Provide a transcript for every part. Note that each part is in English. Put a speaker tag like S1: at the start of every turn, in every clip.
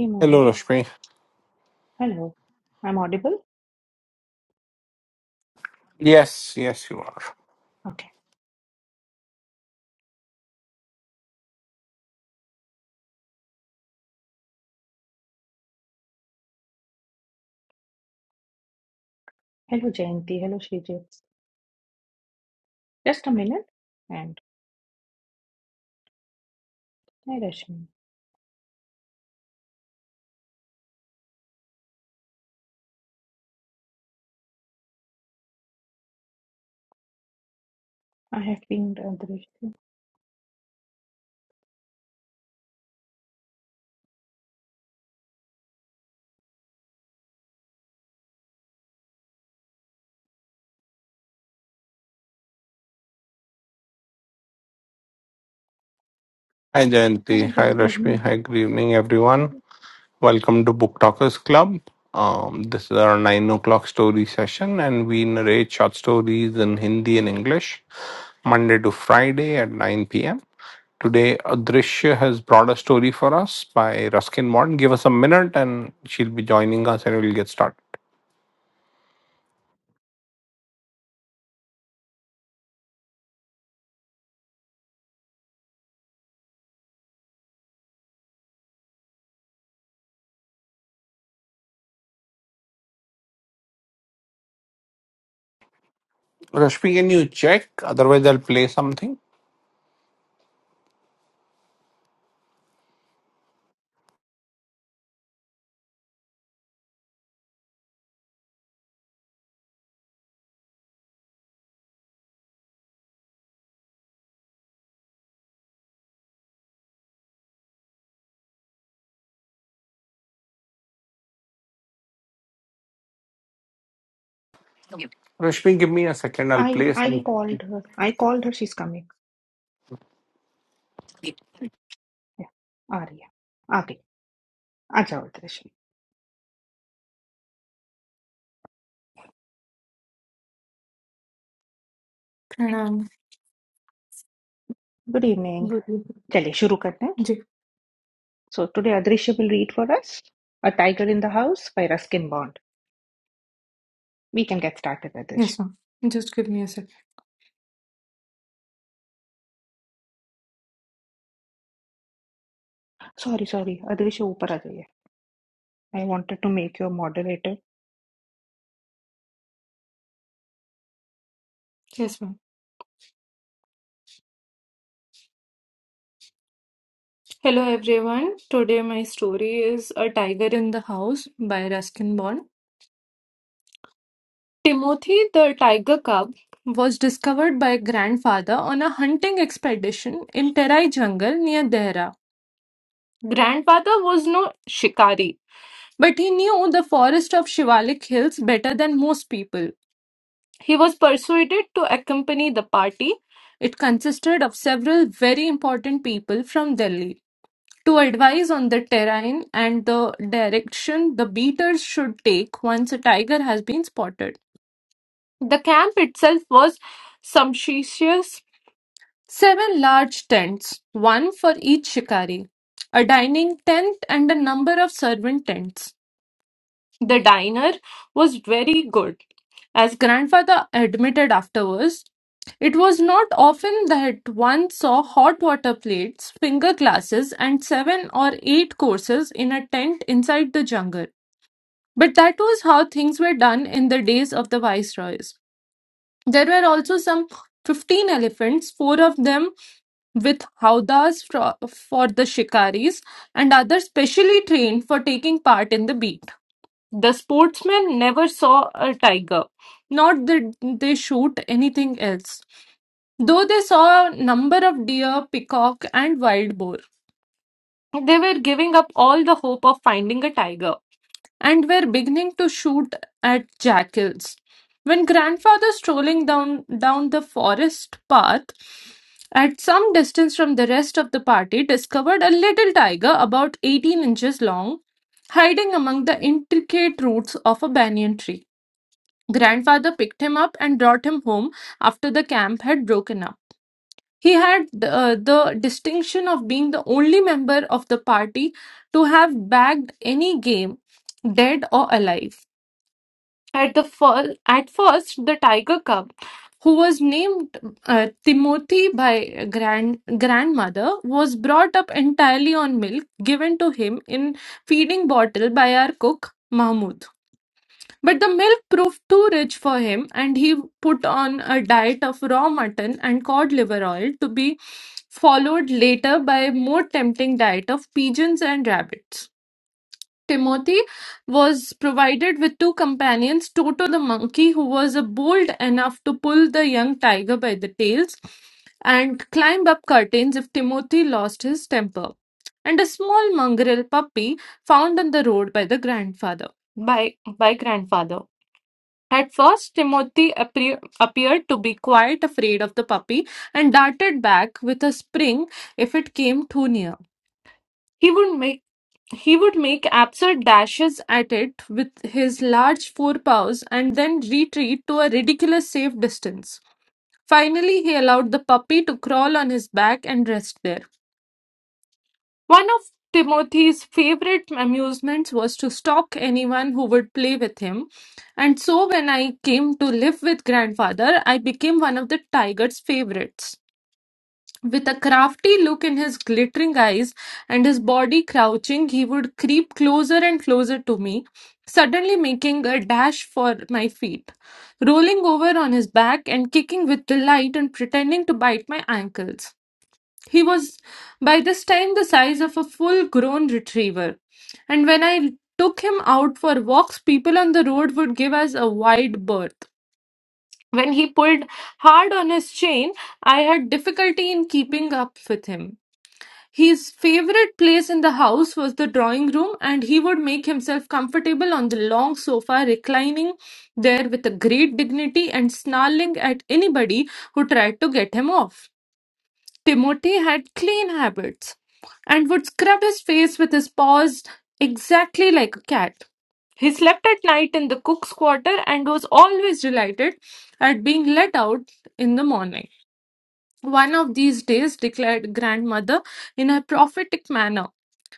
S1: Hey
S2: Hello,
S1: Mohit.
S2: Rashmi.
S1: Hello. I'm audible?
S2: Yes, yes, you are.
S1: Okay. Hello Jayanti. Hello Srijit. Just a minute. And hi Rashmi. I have been uh, Drishti.
S2: Hi, Jayanti.
S1: Mohit
S2: Hi,
S1: just gave
S2: Rashmi.
S1: me.
S2: Hi, good evening, everyone. Welcome to Book Talkers Club. Um, this is our 9 o'clock story session, and we narrate short stories in Hindi and English Monday to Friday at 9 p.m. Today, Adrishya has brought a story for us by Ruskin Morton. Give us a minute, and she'll be joining us, and we'll get started. Rashmi, can you check? Otherwise, I'll play something. Rashmi, give me a second. I'll
S1: I
S2: play
S1: I
S2: something.
S1: called her. I called her. She's coming. Yeah. Arya. Okay. Acha Rashmi.
S3: Pranam,
S1: Good evening.
S3: good evening.
S1: चलिए शुरू करते हैं.
S3: Ji-
S1: So today Adrisha will read for us A Tiger in the House by Ruskin Bond. We can get started, Adrisha.
S3: Yes, ma'am. Just give me a sec.
S1: Sorry, sorry. Adrisha ऊपर आ जाइए. I wanted to make you a moderator
S3: Yes, ma'am. Hello, everyone. Today, my story is A Tiger in the House by Ruskin Bond. Timothy the tiger cub was discovered by grandfather on a hunting expedition in Terai jungle near Dehra. Grandfather was no shikari, but he knew the forest of Shivalik Hills better than most people. He was persuaded to accompany the party. It consisted of several very important people from Delhi to advise on the terrain and the direction the beaters should take once a tiger has been spotted. The camp itself was sumptuous seven large tents, one for each shikari, a dining tent, and a number of servant tents. The diner was very good. As grandfather admitted afterwards, it was not often that one saw hot water plates, finger glasses, and seven or eight courses in a tent inside the jungle. But that was how things were done in the days of the viceroys. There were also some 15 elephants, four of them with howdahs fro- for the shikaris, and others specially trained for taking part in the beat. The sportsmen never saw a tiger, not that they shoot anything else, though they saw a number of deer, peacock, and wild boar. They were giving up all the hope of finding a tiger and were beginning to shoot at jackals. When grandfather strolling down down the forest path at some distance from the rest of the party discovered a little tiger about 18 inches long hiding among the intricate roots of a banyan tree. Grandfather picked him up and brought him home after the camp had broken up. He had uh, the distinction of being the only member of the party to have bagged any game, dead or alive. At the fir- at first, the tiger cub, who was named uh, Timothy by grand grandmother, was brought up entirely on milk given to him in feeding bottle by our cook Mahmoud. But the milk proved too rich for him, and he put on a diet of raw mutton and cod liver oil to be followed later by a more tempting diet of pigeons and rabbits. Timothy was provided with two companions, Toto the monkey, who was uh, bold enough to pull the young tiger by the tails and climb up curtains if Timothy lost his temper, and a small mongrel puppy found on the road by the grandfather. By by grandfather. At first, Timothy appear, appeared to be quite afraid of the puppy and darted back with a spring if it came too near. He would make he would make absurd dashes at it with his large forepaws and then retreat to a ridiculous safe distance. Finally, he allowed the puppy to crawl on his back and rest there. One of Timothy's favorite amusements was to stalk anyone who would play with him. And so when I came to live with grandfather, I became one of the tiger's favorites. With a crafty look in his glittering eyes and his body crouching, he would creep closer and closer to me, suddenly making a dash for my feet, rolling over on his back and kicking with delight and pretending to bite my ankles. He was by this time the size of a full grown retriever, and when I took him out for walks, people on the road would give us a wide berth. When he pulled hard on his chain, I had difficulty in keeping up with him. His favorite place in the house was the drawing room, and he would make himself comfortable on the long sofa, reclining there with a great dignity and snarling at anybody who tried to get him off. Timothy had clean habits and would scrub his face with his paws exactly like a cat. He slept at night in the cook's quarter and was always delighted at being let out in the morning. One of these days, declared grandmother in a prophetic manner,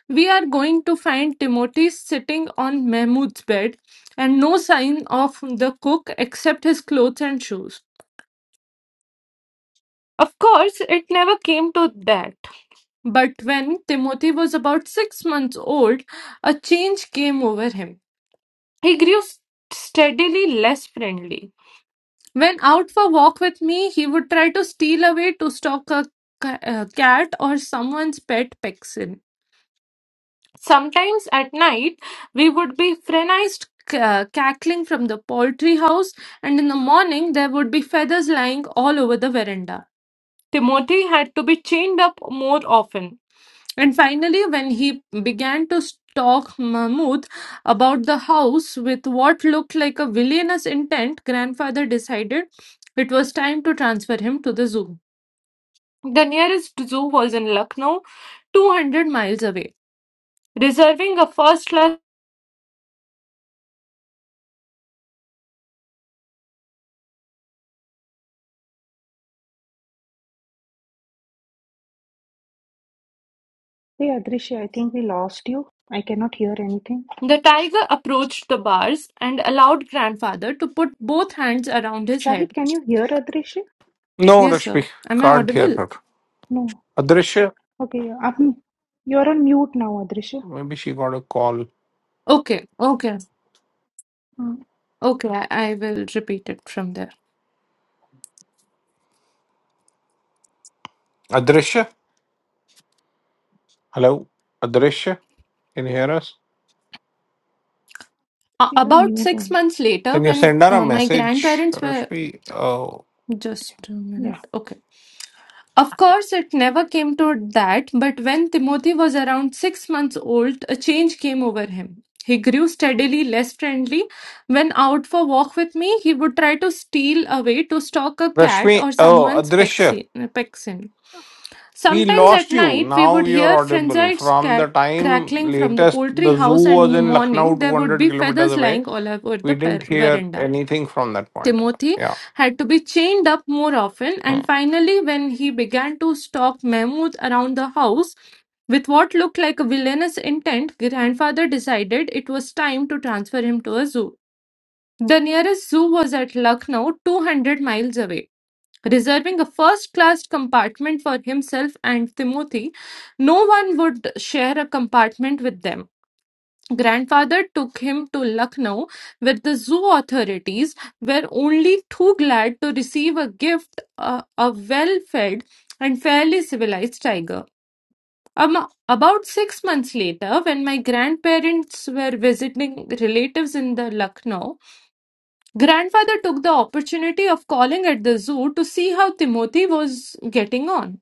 S3: we are going to find Timothy sitting on Mahmoud's bed and no sign of the cook except his clothes and shoes. Of course, it never came to that. But when Timothy was about six months old, a change came over him. He grew s- steadily less friendly. When out for walk with me, he would try to steal away to stalk a ca- uh, cat or someone's pet pixel. Sometimes at night, we would be frenized c- uh, cackling from the poultry house, and in the morning, there would be feathers lying all over the veranda. Timothy had to be chained up more often. And finally, when he began to stalk Mahmud about the house with what looked like a villainous intent, grandfather decided it was time to transfer him to the zoo. The nearest zoo was in Lucknow, 200 miles away. Reserving a first class,
S1: Hey Adrishi, I think we lost you. I cannot hear anything.
S3: the tiger approached the bars and allowed grandfather to put both hands around his
S1: Shahid,
S3: head.
S1: can you hear Adrishi?
S2: No,
S3: Yes, sir.
S2: Rashmi,
S3: Am I
S2: can't hear
S3: audible?
S2: her.
S1: No.
S2: Adrisha,
S1: Okay, um, you're on mute now, Adrishi.
S2: maybe she got a call.
S3: Okay, okay,
S1: Mm,
S3: okay. I, I will repeat it from there.
S2: Adrisha, hello, Adrisha, can you hear us?
S3: A-
S1: She's on
S3: about
S1: mute
S3: six
S1: only.
S3: months later,
S2: Can you
S3: when
S2: send her a
S3: uh, my
S2: message,
S3: grandparents were
S2: Rashmi? Oh,
S3: just a
S1: Yeah,
S3: minute, okay. Of course, it never came to that, but when Timothy was around six months old, a change came over him. He grew steadily less friendly. When out for walk with me, he would try to steal away to stalk a cat
S2: Rashmi,
S3: or
S2: oh,
S3: someone's
S2: Adrisha,
S3: pexi- pexin.
S2: we
S3: Sometimes at
S2: lost you.
S3: night, we
S2: Now
S3: would
S2: you're
S3: hear
S2: audible.
S3: frenzied
S2: From
S3: ca-
S2: the time
S3: crackling from the
S2: latest,
S3: poultry
S2: the zoo
S3: house, and in
S2: was
S3: the
S2: in Lucknow,
S3: morning, there would
S2: 200
S3: be
S2: kilometers
S3: feathers
S2: away.
S3: lying all over
S2: We
S3: the
S2: didn't
S3: per-
S2: hear
S3: veranda.
S2: anything from that point.
S3: Timothy
S2: Yeah.
S3: had to be chained up more often,
S2: Hmm.
S3: and finally, when he began to stalk Mahmoud around the house with what looked like a villainous intent, grandfather decided it was time to transfer him to a zoo. The nearest zoo was at Lucknow, 200 miles away. Reserving a first class compartment for himself and Timothy, no one would share a compartment with them. Grandfather took him to Lucknow, where the zoo authorities were only too glad to receive a gift uh, a well fed and fairly civilized tiger. Um, about six months later, when my grandparents were visiting relatives in the Lucknow, grandfather took the opportunity of calling at the zoo to see how Timothy was getting on.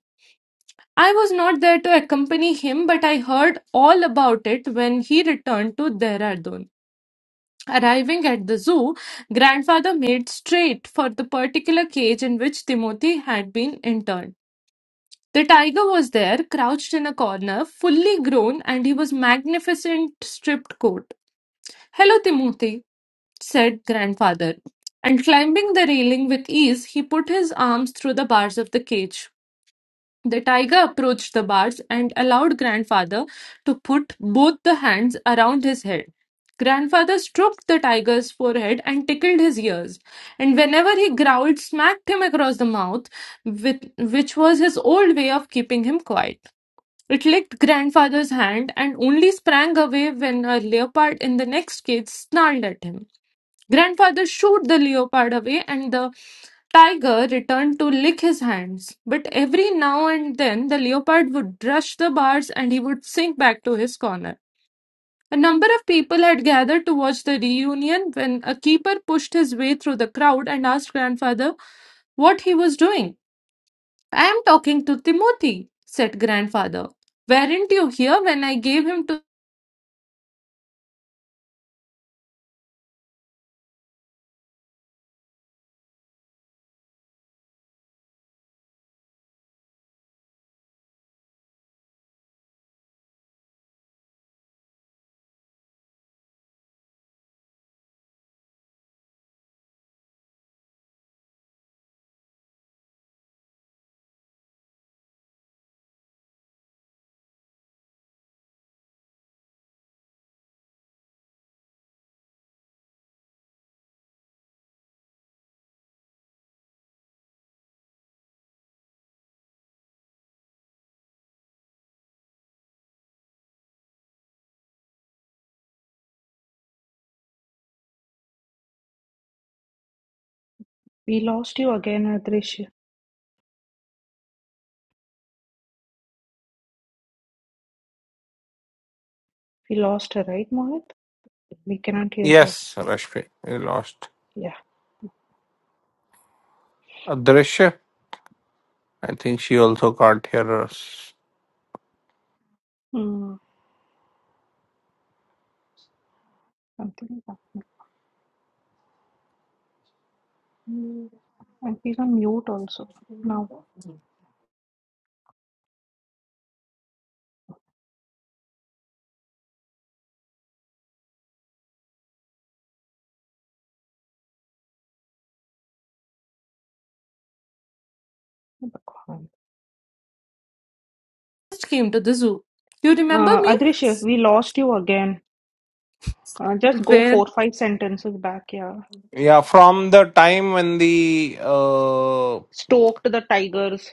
S3: I was not there to accompany him, but I heard all about it when he returned to Dehradun. Arriving at the zoo, grandfather made straight for the particular cage in which Timothy had been interned. The tiger was there, crouched in a corner, fully grown, and he was magnificent striped coat. Hello, Timothy, said grandfather. And climbing the railing with ease, he put his arms through the bars of the cage. The tiger approached the bars and allowed grandfather to put both the hands around his head. Grandfather stroked the tiger's forehead and tickled his ears, and whenever he growled, smacked him across the mouth, with, which was his old way of keeping him quiet. It licked grandfather's hand and only sprang away when a leopard in the next cage snarled at him. Grandfather shot the leopard away, and the tiger returned to lick his hands. But every now and then the leopard would rush the bars and he would sink back to his corner. A number of people had gathered to watch the reunion when a keeper pushed his way through the crowd and asked grandfather what he was doing. I am talking to Timothy, said grandfather. Weren't you here when I gave him to
S1: we lost you again, Adrishi. We lost her, right, Mohit? We cannot hear her.
S2: Yes, Rashmi, we lost
S1: Yeah.
S2: Adrisha. I think she also can't hear us.
S1: Mm, something is happening. And she's on mute also. Now, uh,
S3: first came to the zoo? You remember me?
S1: Adrishi, we lost you again. Uh, just go
S3: Where?
S1: four, five sentences back, yeah.
S2: Yeah, from the time when the uh,
S1: Stoked the Tigers.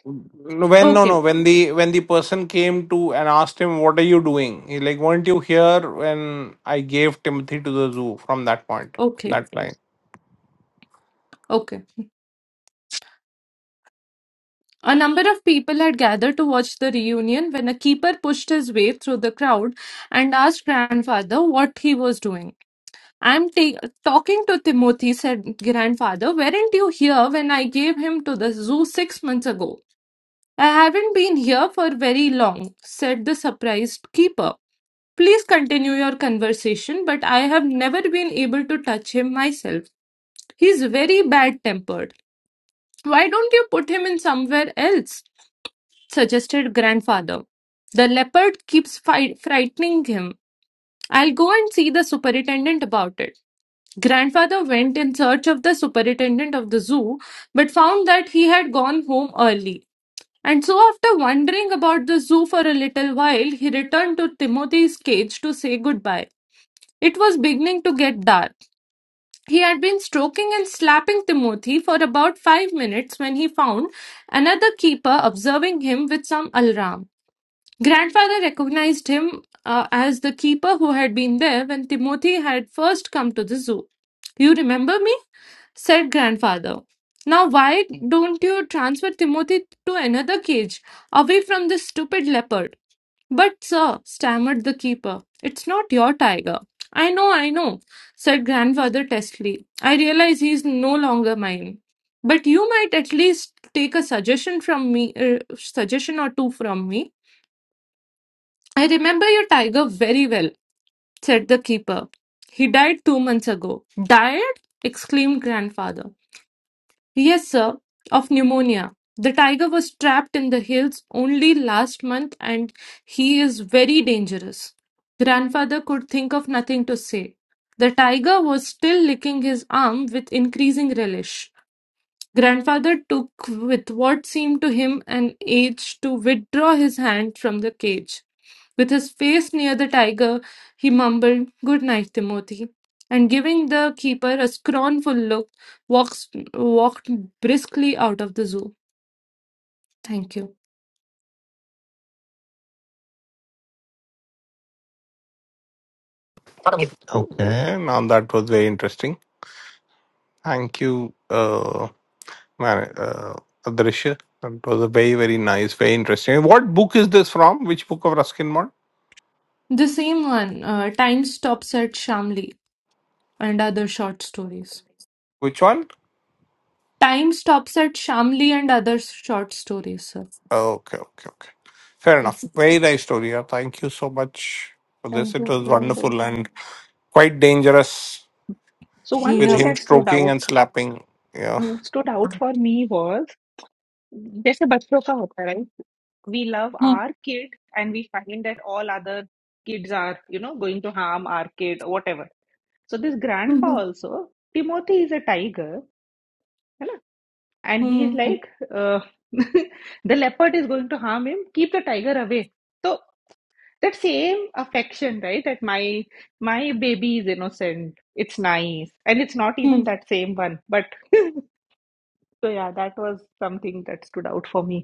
S1: Mm.
S2: when no
S3: Okay,
S2: no when the when the person came to and asked him what are you doing he like weren't you here when I gave Timothy to the zoo from that point
S3: okay,
S2: that line
S3: okay. A number of people had gathered to watch the reunion when a keeper pushed his way through the crowd and asked grandfather what he was doing. I'm ta- talking to Timothy, said grandfather. Weren't you here when I gave him to the zoo six months ago? I haven't been here for very long, said the surprised keeper. Please continue your conversation, but I have never been able to touch him myself. He's very bad tempered. Why don't you put him in somewhere else? suggested grandfather. The leopard keeps fi- frightening him. I'll go and see the superintendent about it. Grandfather went in search of the superintendent of the zoo, but found that he had gone home early. And so, after wandering about the zoo for a little while, he returned to Timothy's cage to say goodbye. It was beginning to get dark. He had been stroking and slapping Timothy for about five minutes when he found another keeper observing him with some alarm. Grandfather recognized him uh, as the keeper who had been there when Timothy had first come to the zoo. You remember me? said Grandfather. Now, why don't you transfer Timothy to another cage, away from this stupid leopard? But, sir, stammered the keeper, it's not your tiger. I know, I know, said Grandfather testily. I realize he's no longer mine. But you might at least take a suggestion from me, uh, suggestion or two from me. I remember your tiger very well, said the keeper. He died two months ago. Died? exclaimed grandfather. Yes, sir, of pneumonia. The tiger was trapped in the hills only last month and he is very dangerous. Grandfather could think of nothing to say. The tiger was still licking his arm with increasing relish. Grandfather took, with what seemed to him an age, to withdraw his hand from the cage. With his face near the tiger, he mumbled, Good night, Timothy, and giving the keeper a scornful look, walks, walked briskly out of the zoo. Thank you.
S2: Okay. okay now that was very interesting thank you uh, man uh, Adrisha that was a very very nice very interesting what book is this from which book of Ruskin Mott
S3: The same one, uh, Time Stops at Shamli and Other Short Stories.
S2: which one
S3: Time Stops at Shamli and Other Short Stories, sir.
S2: Okay, okay, okay. Fair
S3: Yes.
S2: enough. Very nice story. yeah. Thank you so much for this.
S3: Thank
S2: It
S3: you,
S2: was
S3: sir.
S1: so
S2: wonderful and quite dangerous
S1: So one
S2: with
S1: thing
S3: Yep.
S2: him
S1: that stood
S2: stroking
S1: out
S2: and slapping. Yeah.
S1: stood out for me was जैसे बच्चों का होता है right? We love our kid and we find that all other kids are you know going to harm our kid or whatever. So this grandpa also Timothy is a tiger, है ना? And he is
S3: Hmm.
S1: like uh, the leopard is going to harm him. Keep the tiger away. So that same affection, right? That my my baby is innocent. It's nice, and it's not
S3: Hmm.
S1: even that same one, but. So yeah, that was something that stood out for me.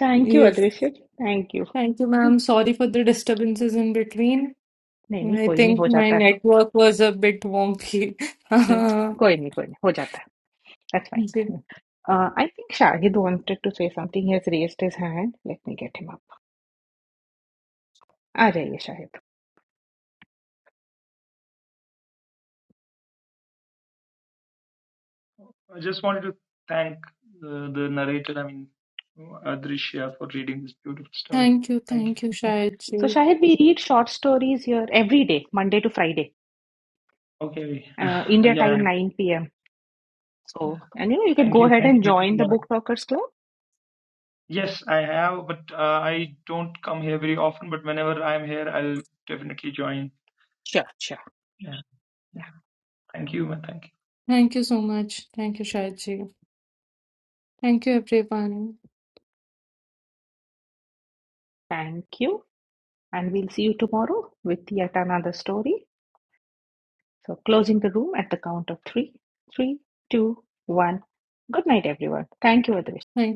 S1: Thank you
S3: Yes.
S1: अदृश्य, thank you.
S3: Thank you, ma'am. Sorry for the disturbances in between.
S1: नहीं नहीं
S3: I
S1: कोई नहीं,
S3: think
S1: हो
S3: my
S1: जाता है।
S3: network was a bit wonky.
S1: Hmm,
S3: Uh,
S1: कोई नहीं कोई नहीं, हो जाता है, दैट्स
S3: जी.
S1: Fine. I think Shahid wanted to say something, he has raised his hand, let me get him up. आ जाइए Shahid.
S4: I just wanted to thank uh, the narrator, I mean, Adrishya, for reading this beautiful story.
S3: Thank you,
S4: Thank you.
S3: thank you, Shayad
S1: so
S3: ji.
S1: Shahid, we read short stories here every day Monday to Friday
S4: Okay.
S1: India
S4: yeah.
S1: Time nine P M. So and you know you can
S4: Thank
S1: go
S4: you.
S1: Ahead
S4: Thank
S1: and
S4: you.
S1: Join the
S4: Yeah.
S1: Book talkers club.
S4: Yes, I have, but uh, I don't come here very often, but whenever I'm here, I'll definitely join.
S1: Sure sure,
S4: Yeah. yeah. Thank you. man. Thank you.
S3: Thank you so much. Thank you, Shayad ji. Thank you, everyone.
S1: Thank you, and we'll see you tomorrow with yet another story. So closing the room at the count of three, three, two, one. Good night, everyone. Thank you, Aditi.
S3: Thank you.